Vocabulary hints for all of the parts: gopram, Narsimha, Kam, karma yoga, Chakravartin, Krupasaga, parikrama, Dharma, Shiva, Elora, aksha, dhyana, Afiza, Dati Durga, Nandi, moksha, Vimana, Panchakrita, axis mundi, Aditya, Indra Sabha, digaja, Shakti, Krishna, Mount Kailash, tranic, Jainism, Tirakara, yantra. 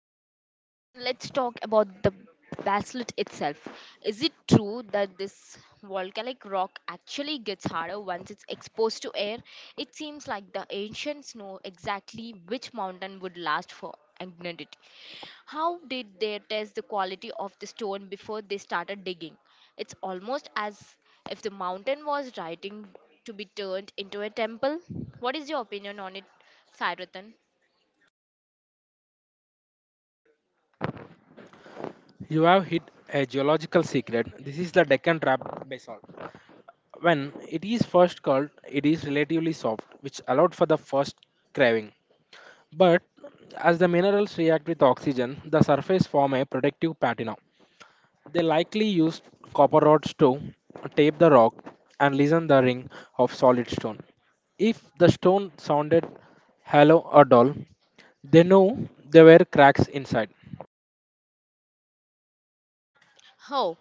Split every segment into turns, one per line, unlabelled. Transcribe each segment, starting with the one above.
back. Ratan, let's talk about the basalt itself. Is it true that this volcanic rock actually gets harder once it's exposed to air? It seems like the ancients know exactly which mountain would last for eternity. How did they test the quality of the stone before they started digging? It's almost as if the mountain was writing to be turned into a temple. What is your opinion on it, Sairatan?
You have hit a geological secret. This is the Deccan Trap basalt. When it is first called, it is relatively soft, which allowed for the first craving. But as the minerals react with oxygen, the surface form a protective patina. They likely used copper rods to tape the rock and listen the ring of solid stone. If the stone sounded hollow or dull, they knew there were cracks inside.
Oh,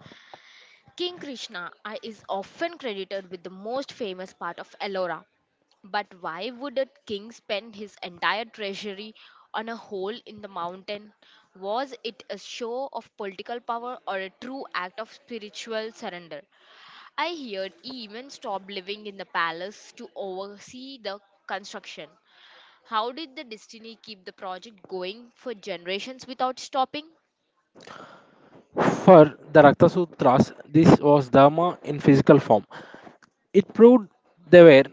King Krishna I is often credited with the most famous part of Ellora. But why would a king spend his entire treasury on a hole in the mountain? Was it a show of political power or a true act of spiritual surrender? I heard he even stopped living in the palace to oversee the construction. How did the destiny keep the project going for generations without stopping?
For the Rakta Sutras, this was Dharma in physical form. It proved they were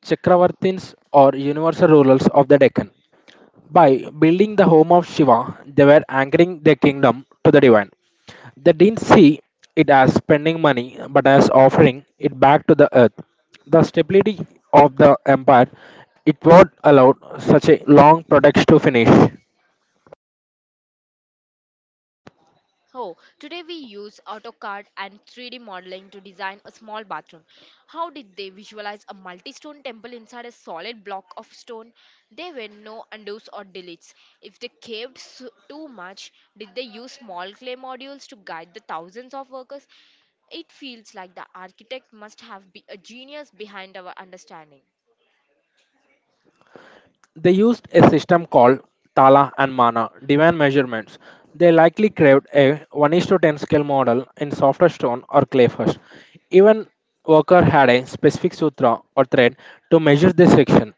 Chakravartins or universal rulers of the Deccan. By building the home of Shiva, they were anchoring their kingdom to the divine. They didn't see it as spending money but as offering it back to the earth. The stability of the empire it would allowed such a long project to finish.
Oh, today we use AutoCAD and 3D modeling to design a small bathroom. How did they visualize a multi stone temple inside a solid block of stone? There were no undos or deletes. If they caved too much, did they use small clay modules to guide the thousands of workers? It feels like the architect must have been a genius behind our understanding.
They used a system called Tala and Mana divan measurements. They likely craved a 1 is to 10 scale model in softer stone or clay first. Even worker had a specific sutra or thread to measure this section.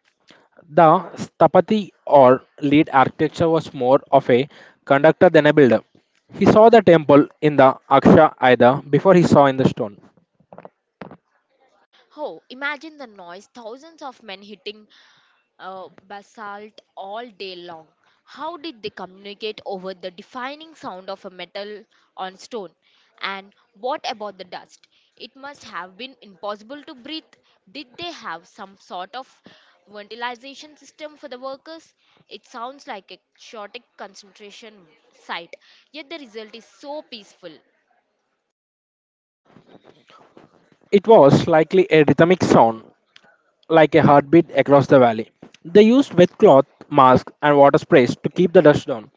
The stapati or lead architecture was more of a conductor than a builder. He saw the temple in the aksha either before he saw in the stone.
Oh, imagine the noise thousands of men hitting basalt all day long. How did they communicate over the defining sound of a metal on stone? And what about the dust? It must have been impossible to breathe. Did they have some sort of ventilation system for the workers? It sounds like a chaotic concentration site, yet the result is so peaceful.
It was likely a rhythmic sound like a heartbeat across the valley. They used wet cloth, masks, and water sprays to keep the dust down.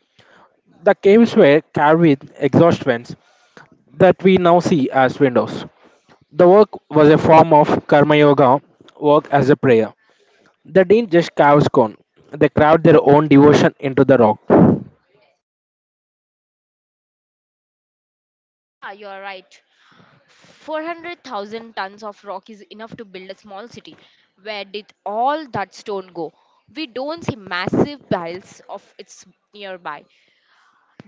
The caves were carved with exhaust vents that we now see as windows. The work was a form of karma yoga, work as a prayer. They didn't just carve stone; they carved their own devotion into the rock.
Yeah, you're right. 400,000 tons of rock is enough to build a small city. Where did all that stone go? We don't see massive piles of it nearby.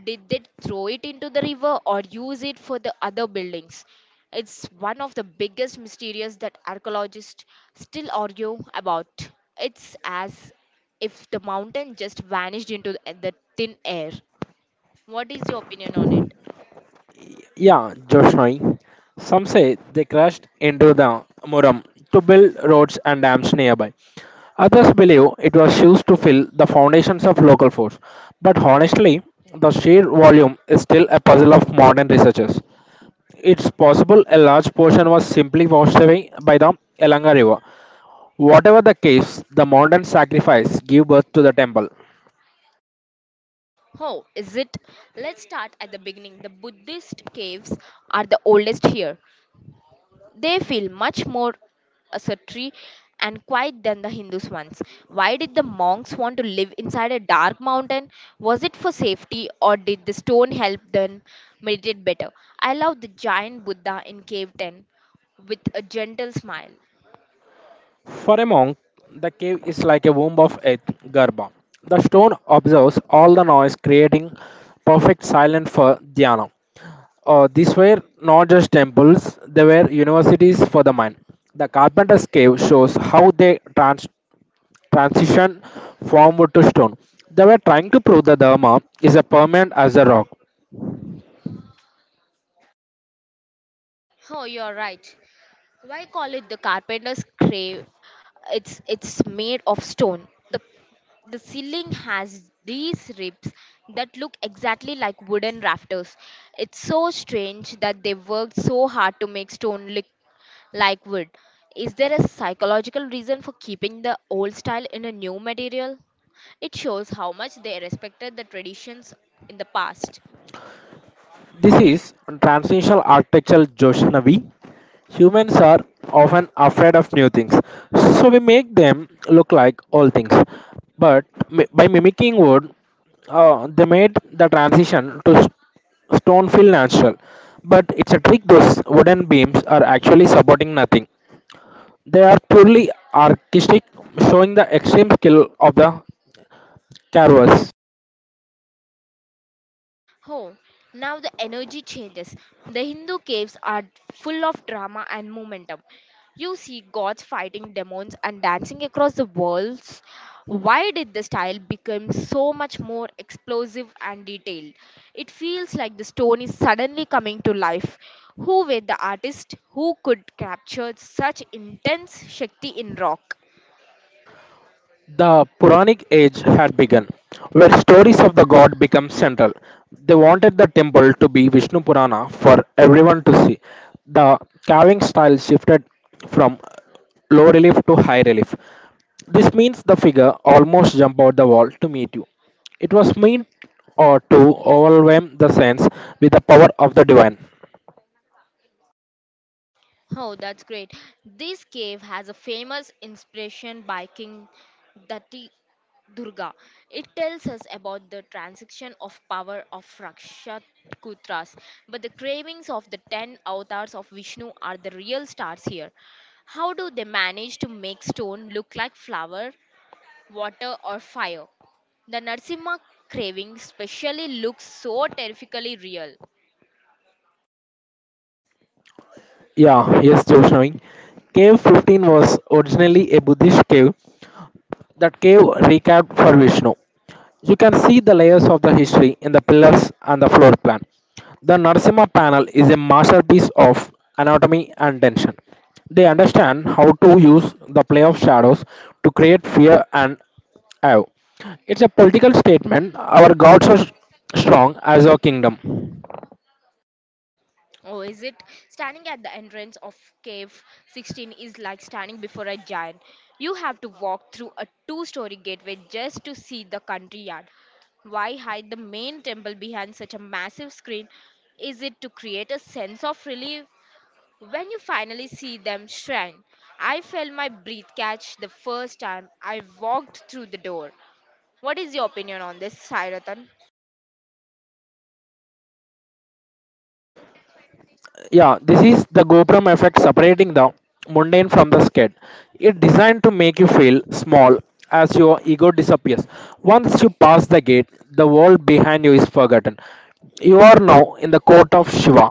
Did they throw it into the river or use it for the other buildings? It's one of the biggest mysteries that archaeologists still argue about. It's as if the mountain just vanished into the thin air. What is your opinion on it?
Yeah, Joshnoi. Some say they crashed into the Muram to build roads and dams nearby. Others believe it was used to fill the foundations of local forts, but honestly, the sheer volume is still a puzzle of modern researchers. It's possible a large portion was simply washed away by the Elanga River. Whatever the case, the modern sacrifice gave birth to the temple.
Oh, is it? Let's start at the beginning. The Buddhist caves are the oldest here. They feel much more asceticy and quiet than the Hindus ones. Why did the monks want to live inside a dark mountain? Was it for safety or did the stone help them meditate better? I love the giant Buddha in cave 10 with a gentle smile.
For a monk, the cave is like a womb of earth, Garba. The stone absorbs all the noise, creating perfect silence for dhyana. These were not just temples, they were universities for the mind. The carpenter's cave shows how they transition from wood to stone. They were trying to prove the Dharma is as permanent as the rock.
Oh, you're right. Why call it the carpenter's grave? It's made of stone. The ceiling has these ribs that look exactly like wooden rafters. It's so strange that they worked so hard to make stone look like wood. Is there a psychological reason for keeping the old style in a new material? It shows how much they respected the traditions in the past.
This is transnational architectural Joshnavi. Humans are often afraid of new things, so we make them look like old things. But by mimicking wood, they made the transition to stone feel natural. But it's a trick, those wooden beams are actually supporting nothing. They are purely artistic, showing the extreme skill of the carvers.
Oh, now the energy changes. The Hindu caves are full of drama and momentum. You see gods fighting demons and dancing across the walls. Why did the style become so much more explosive and detailed? It feels like the stone is suddenly coming to life. Who were the artists who could capture such intense Shakti in rock?
The Puranic age had begun, where stories of the god become central. They wanted the temple to be Vishnu Purana for everyone to see. The carving style shifted from low relief to high relief. This means the figure almost jumped out the wall to meet you. It was meant or to overwhelm the sense with the power of the divine.
Oh, that's great. This cave has a famous inspiration by King Dati Durga. It tells us about the transaction of power of Rakshakutras, but the cravings of the 10 avatars of Vishnu are the real stars here. How do they manage to make stone look like flower, water, or fire? The Narsimha craving specially looks so terrifically real.
Yeah, yes, Joshua. Cave 15 was originally a Buddhist cave. That cave recapped for Vishnu. You can see the layers of the history in the pillars and the floor plan. The Narsimha panel is a masterpiece of anatomy and tension. They understand how to use the play of shadows to create fear and awe. It's a political statement. Our gods are strong as our kingdom.
Oh, is it? Standing at the entrance of Cave 16 is like standing before a giant. You have to walk through a two-story gateway just to see the country yard. Why hide the main temple behind such a massive screen? Is it to create a sense of relief? When you finally see them shrine, I felt my breath catch the first time I walked through the door. What is your opinion on this, Sairatan?
Yeah, this is the gopram effect separating the mundane from the scared. It's designed to make you feel small as your ego disappears. Once you pass the gate, the world behind you is forgotten. You are now in the court of Shiva,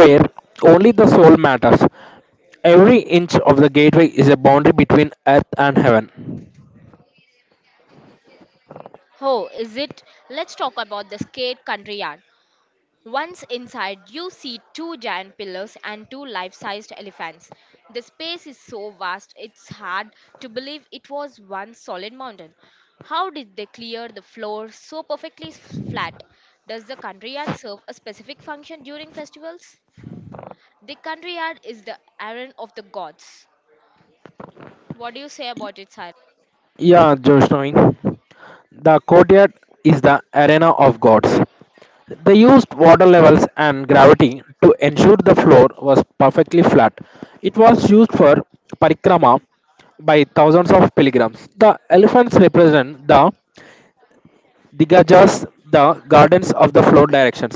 where only the soul matters. Every inch of the gateway is a boundary between earth and heaven.
Oh, is it? Let's talk about the skate country yard. Once inside, you see two giant pillars and two life sized elephants. The space is so vast, it's hard to believe it was one solid mountain. How did they clear the floor so perfectly flat? Does the country yard serve a specific function during festivals? The country yard is the errand of the gods. What do you say about it, Cyrus?
Yeah, Joshnoi, the courtyard is the arena of gods. They used water levels and gravity to ensure the floor was perfectly flat. It was used for parikrama by thousands of pilgrims. The elephants represent the digajas, the gardens of the floor directions.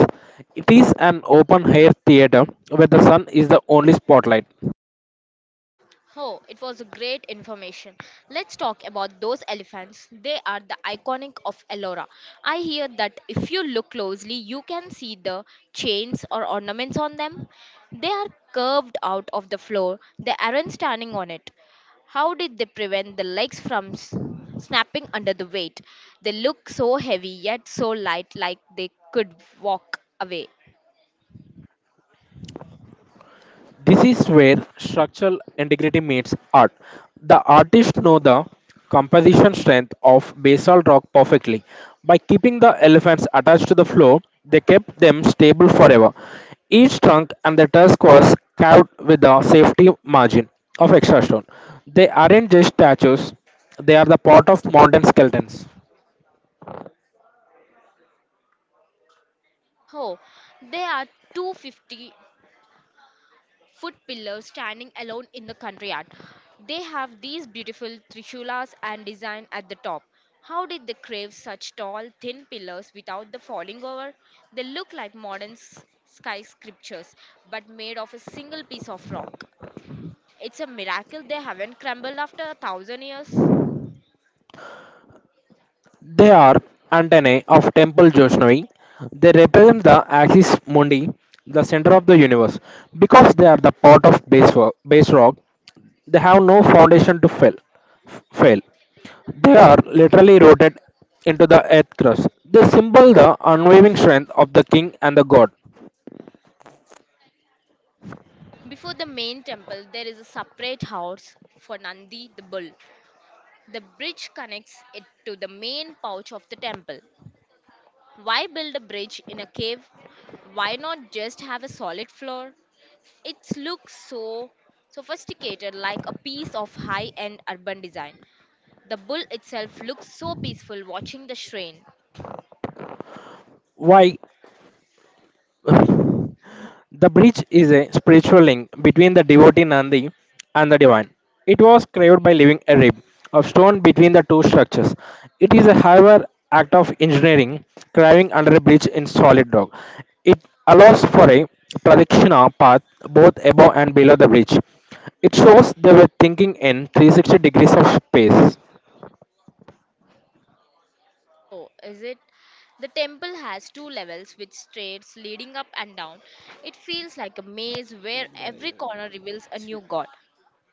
It is an open air theater where the sun is the only spotlight.
Oh, it was a great information. Let's talk about those elephants. They are the iconic of Ellora. I hear that if you look closely, you can see the chains or ornaments on them. They are curved out of the floor. They aren't standing on it. How did they prevent the legs from snapping under the weight? They look so heavy yet so light like they could walk away.
This is where structural integrity meets art. The artists know the composition strength of basalt rock perfectly. By keeping the elephants attached to the floor, they kept them stable forever. Each trunk and the tusk was carved with a safety margin of extra stone. They aren't just statues, they are the part of mountain skeletons.
Oh, they are 250-foot pillars standing alone in the country art. They have these beautiful trishulas and design at the top. How did they crave such tall, thin pillars without the falling over? They look like modern skyscrapers, but made of a single piece of rock. It's a miracle they haven't crumbled after 1,000 years.
They are antennae of Temple Joshnavi. They represent the axis mundi, the center of the universe. Because they are the part of base, base rock, they have no foundation to fail. f- fail. They are literally rooted into the earth crust. They symbol the unwavering strength of the king and the god.
Before the main temple, there is a separate house for Nandi the bull. The bridge connects it to the main porch of the temple. Why build a bridge in a cave? Why not just have a solid floor? It looks so sophisticated, like a piece of high end urban design. The bull itself looks so peaceful watching the shrine.
Why the bridge is a spiritual link between the devotee Nandi and the divine. It was carved by leaving a rib of stone between the two structures. It is a however act of engineering carving under a bridge in solid rock. It allows for a traditional path both above and below the bridge. It shows they were thinking in 360 degrees of space.
Oh, is it? The temple has two levels with stairs leading up and down. It feels like a maze where every corner reveals a new god.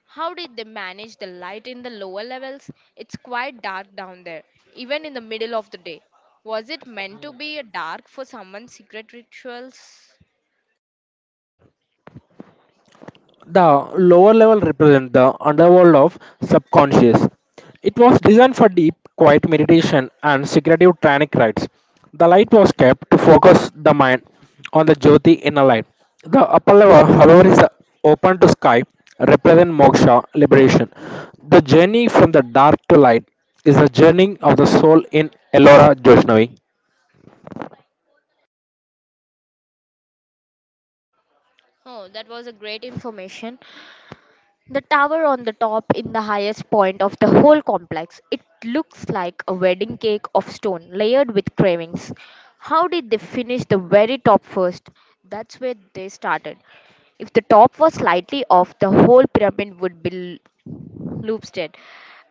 How did they manage the light in the lower levels? It's quite dark down there, even in the middle of the day. Was it meant to be a dark for someone's secret rituals?
The lower level represents the underworld of subconscious. It was designed for deep, quiet meditation and secretive tranic rites. The light was kept to focus the mind on the jyoti inner light. The upper level, however, is open to sky, represent moksha liberation. The journey from the dark to light is the journey of the soul in Elora Joshnavi.
Oh, that was a great information. The tower on the top in the highest point of the whole complex. It looks like a wedding cake of stone layered with carvings. How did they finish the very top first? That's where they started. If the top was slightly off, the whole pyramid would be l- looped.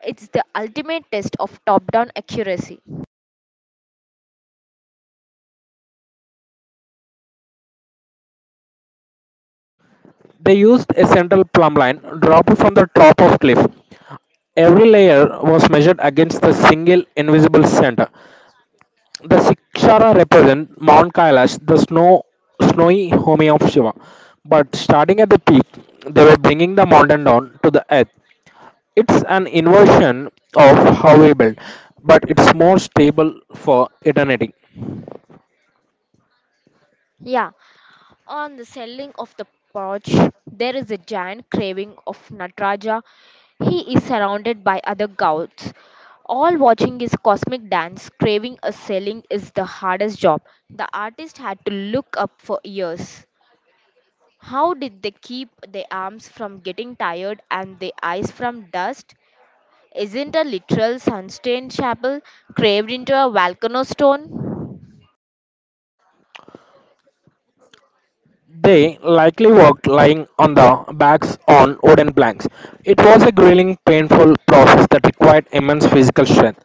It's the ultimate test of top down accuracy.
They used a central plumb line dropped from the top of cliff. Every layer was measured against the single invisible center. The Sikshara represent Mount Kailash, the snowy home of Shiva. But starting at the peak, they were bringing the mountain down to the earth. It's an inversion of how we build, but it's more stable for eternity.
Yeah, on the selling of the porch, there is a giant carving of Nataraja. He is surrounded by other gods, all watching his cosmic dance. Carving a selling is the hardest job. The artist had to look up for years. How did they keep their arms from getting tired and their eyes from dust? Isn't a literal sunstained chapel carved into a volcano stone?
They likely worked lying on the backs on wooden planks. It was a grueling, painful process that required immense physical strength.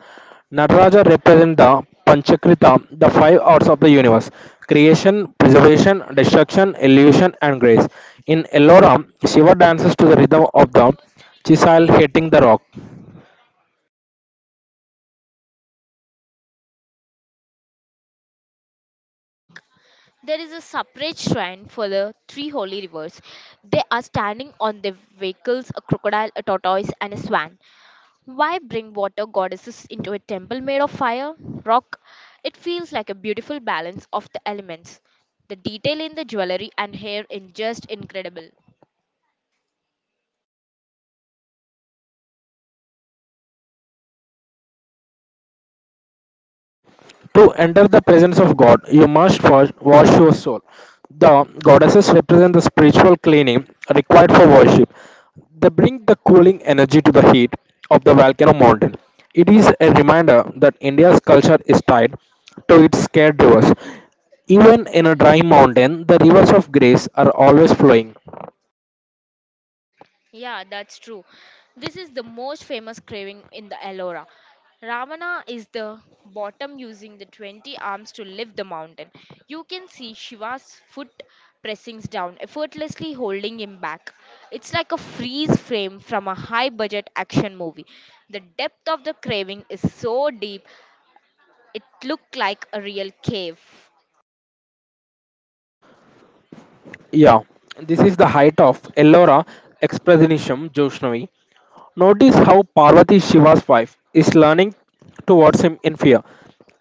Nataraja represents the Panchakrita, the five arts of the universe: creation, preservation, destruction, illusion, and grace. In Elloram, Shiva dances to the rhythm of the chisel hitting the rock.
There is a separate shrine for the three holy rivers. They are standing on their vehicles a crocodile, a tortoise, and a swan. Why bring water goddesses into a temple made of fire, rock? It feels like a beautiful balance of the elements. The detail in the jewelry and hair is just incredible.
To enter the presence of God, you must first wash your soul. The goddesses represent the spiritual cleaning required for worship. They bring the cooling energy to the heat of the volcano mountain. It is a reminder that India's culture is tied to its scared rivers. Even in a dry mountain, the rivers of grace are always flowing.
Yeah, that's true. This is the most famous craving in the Ellora. Ravana is the bottom using the 20 arms to lift the mountain. You can see Shiva's foot pressing down, effortlessly holding him back. It's like a freeze frame from a high budget action movie. The depth of the craving is so deep, it looked like a real cave.
Yeah, this is the height of Ellora Expressionism Joshnavi. Notice how Parvati, Shiva's wife, is learning towards him in fear.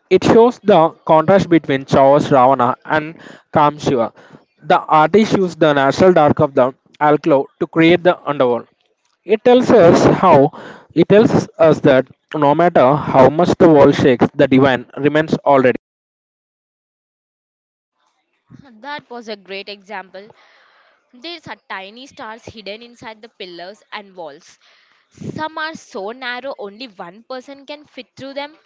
It shows the contrast between Chaos Ravana and Kam Shiva. The artist used the natural dark of the alcove to create the underworld. It tells us how it tells us that no matter how much the world shakes, the divine remains already.
That was a great example. There are tiny stars hidden inside the pillars and walls. Some are so narrow only one person can fit through them.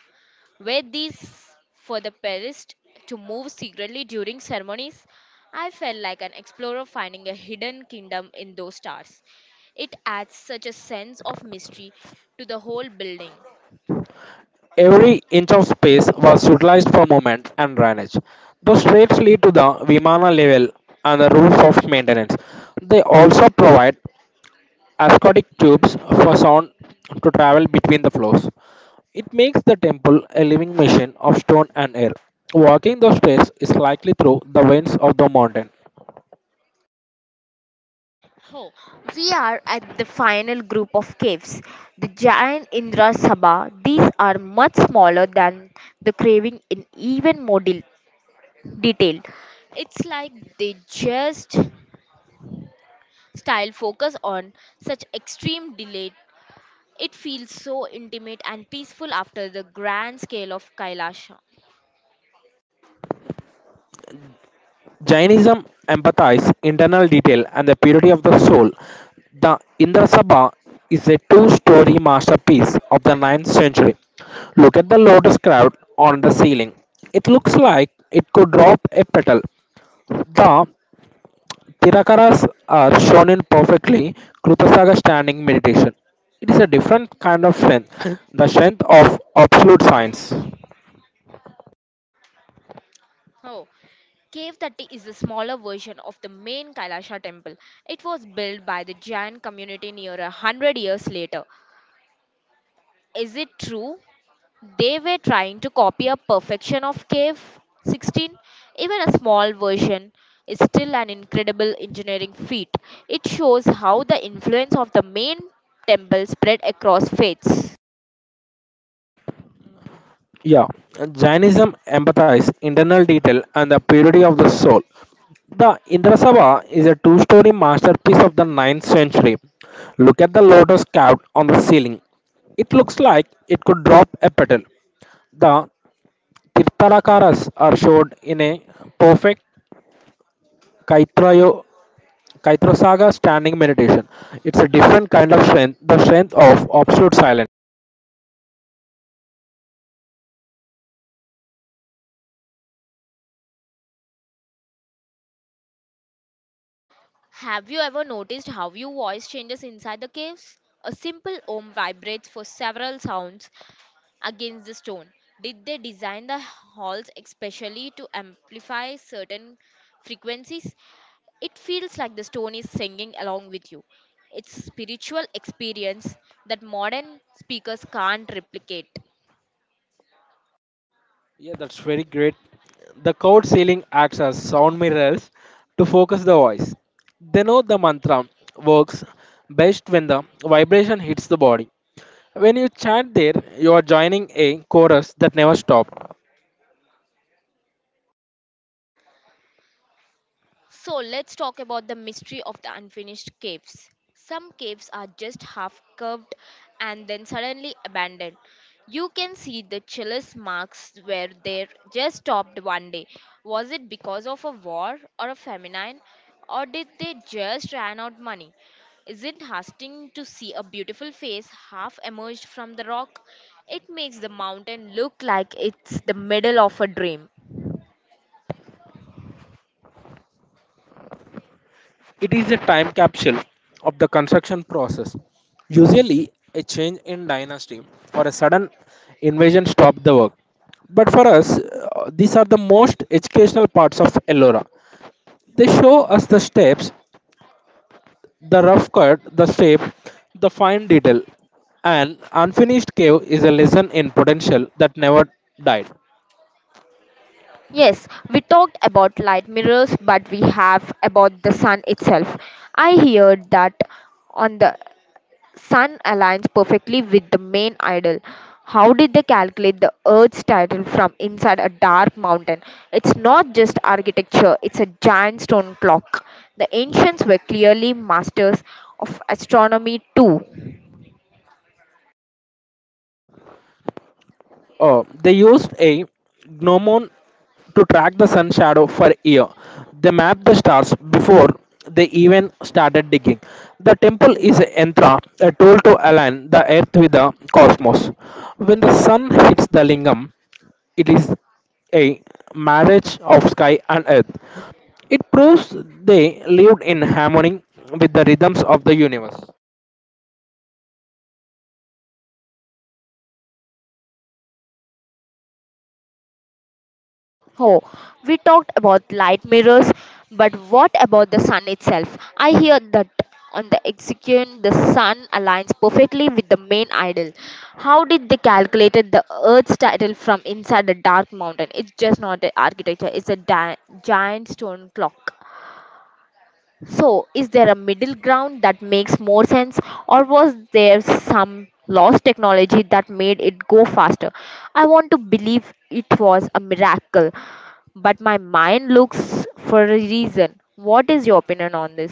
Were these for the priest to move secretly during ceremonies? I felt like an explorer finding a hidden kingdom in those stars. It adds such a sense of mystery to the whole building.
Every inch of space was utilized for movement and drainage. The streets lead to the Vimana level and the rules of maintenance. They also provide ascotic tubes for sound to travel between the floors. It makes the temple a living machine of stone and air. Walking the stairs is likely through the winds of the mountain.
Oh, we are at the final group of caves, the giant Indra Sabha. These are much smaller than the craving in even more detail. It's like they just style focus on such extreme delay. It feels so intimate and peaceful after the grand scale of Kailasha.
Jainism emphasizes internal detail and the purity of the soul. The Indra Sabha is a two-story masterpiece of the 9th century. Look at the lotus carved on the ceiling. It looks like it could drop a petal. The Tirakaras are shown in perfectly Krupasaga standing meditation. It is a different kind of strength, the strength of absolute science.
Oh, Cave 30 is a smaller version of the main Kailasha temple. It was built by the Jain community near 100 years later. Is it true they were trying to copy a perfection of Cave 16. Even a small version is still an incredible engineering feat. It shows how the influence of the main temple spread across faiths.
Yeah, Jainism emphasizes internal detail and the purity of the soul. The Indrasabha is a two-story masterpiece of the 9th century. Look at the lotus carved on the ceiling. It looks like it could drop a petal. The Tirtharakaras are showed in a perfect Kaitrayo, Kaitrasaga standing meditation. It's a different kind of strength, the strength of absolute silence.
Have you ever noticed how your voice changes inside the caves? A simple ohm vibrates for several sounds against the stone. Did they design the halls especially to amplify certain frequencies? It feels like the stone is singing along with you. It's spiritual experience that modern speakers can't replicate.
Yeah, that's very great. The code ceiling acts as sound mirrors to focus the voice. They know the mantra works best when the vibration hits the body. When you chant there, you are joining a chorus that never stopped.
So let's talk about the mystery of the unfinished caves. Some caves are just half curved and then suddenly abandoned. You can see the chalice marks where they just stopped one day. Was it because of a war or a famine or did they just ran out money? Is it haunting to see a beautiful face half emerged from the rock? It makes the mountain look like it's the middle of a dream.
It is a time capsule of the construction process. Usually, a change in dynasty or a sudden invasion stopped the work. But for us, these are the most educational parts of Ellora. They show us the steps: the rough cut, the shape, the fine detail. An unfinished cave is a lesson in potential that never died.
Yes, we talked about light mirrors, but we have about the sun itself. I heard that on the sun aligns perfectly with the main idol. How did they calculate the Earth's title from inside a dark mountain? It's not just architecture, it's a giant stone clock. The ancients were clearly masters of astronomy too.
Oh, they used a gnomon to track the sun shadow for a year. They mapped the stars before they even started digging. The temple is a yantra, a tool to align the earth with the cosmos. When the sun hits the lingam, it is a marriage of sky and earth. It proves they lived in harmony with the rhythms of the universe.
Oh, we talked about light mirrors, but what about the sun itself? I hear that on the Execution, the sun aligns perfectly with the main idol. How did they calculate the Earth's title from inside the dark mountain? It's just not an architecture; it's a giant stone clock. So, is there a middle ground that makes more sense, or was there some lost technology that made it go faster? I want to believe it was a miracle, but my mind looks for a reason. What is your opinion on this?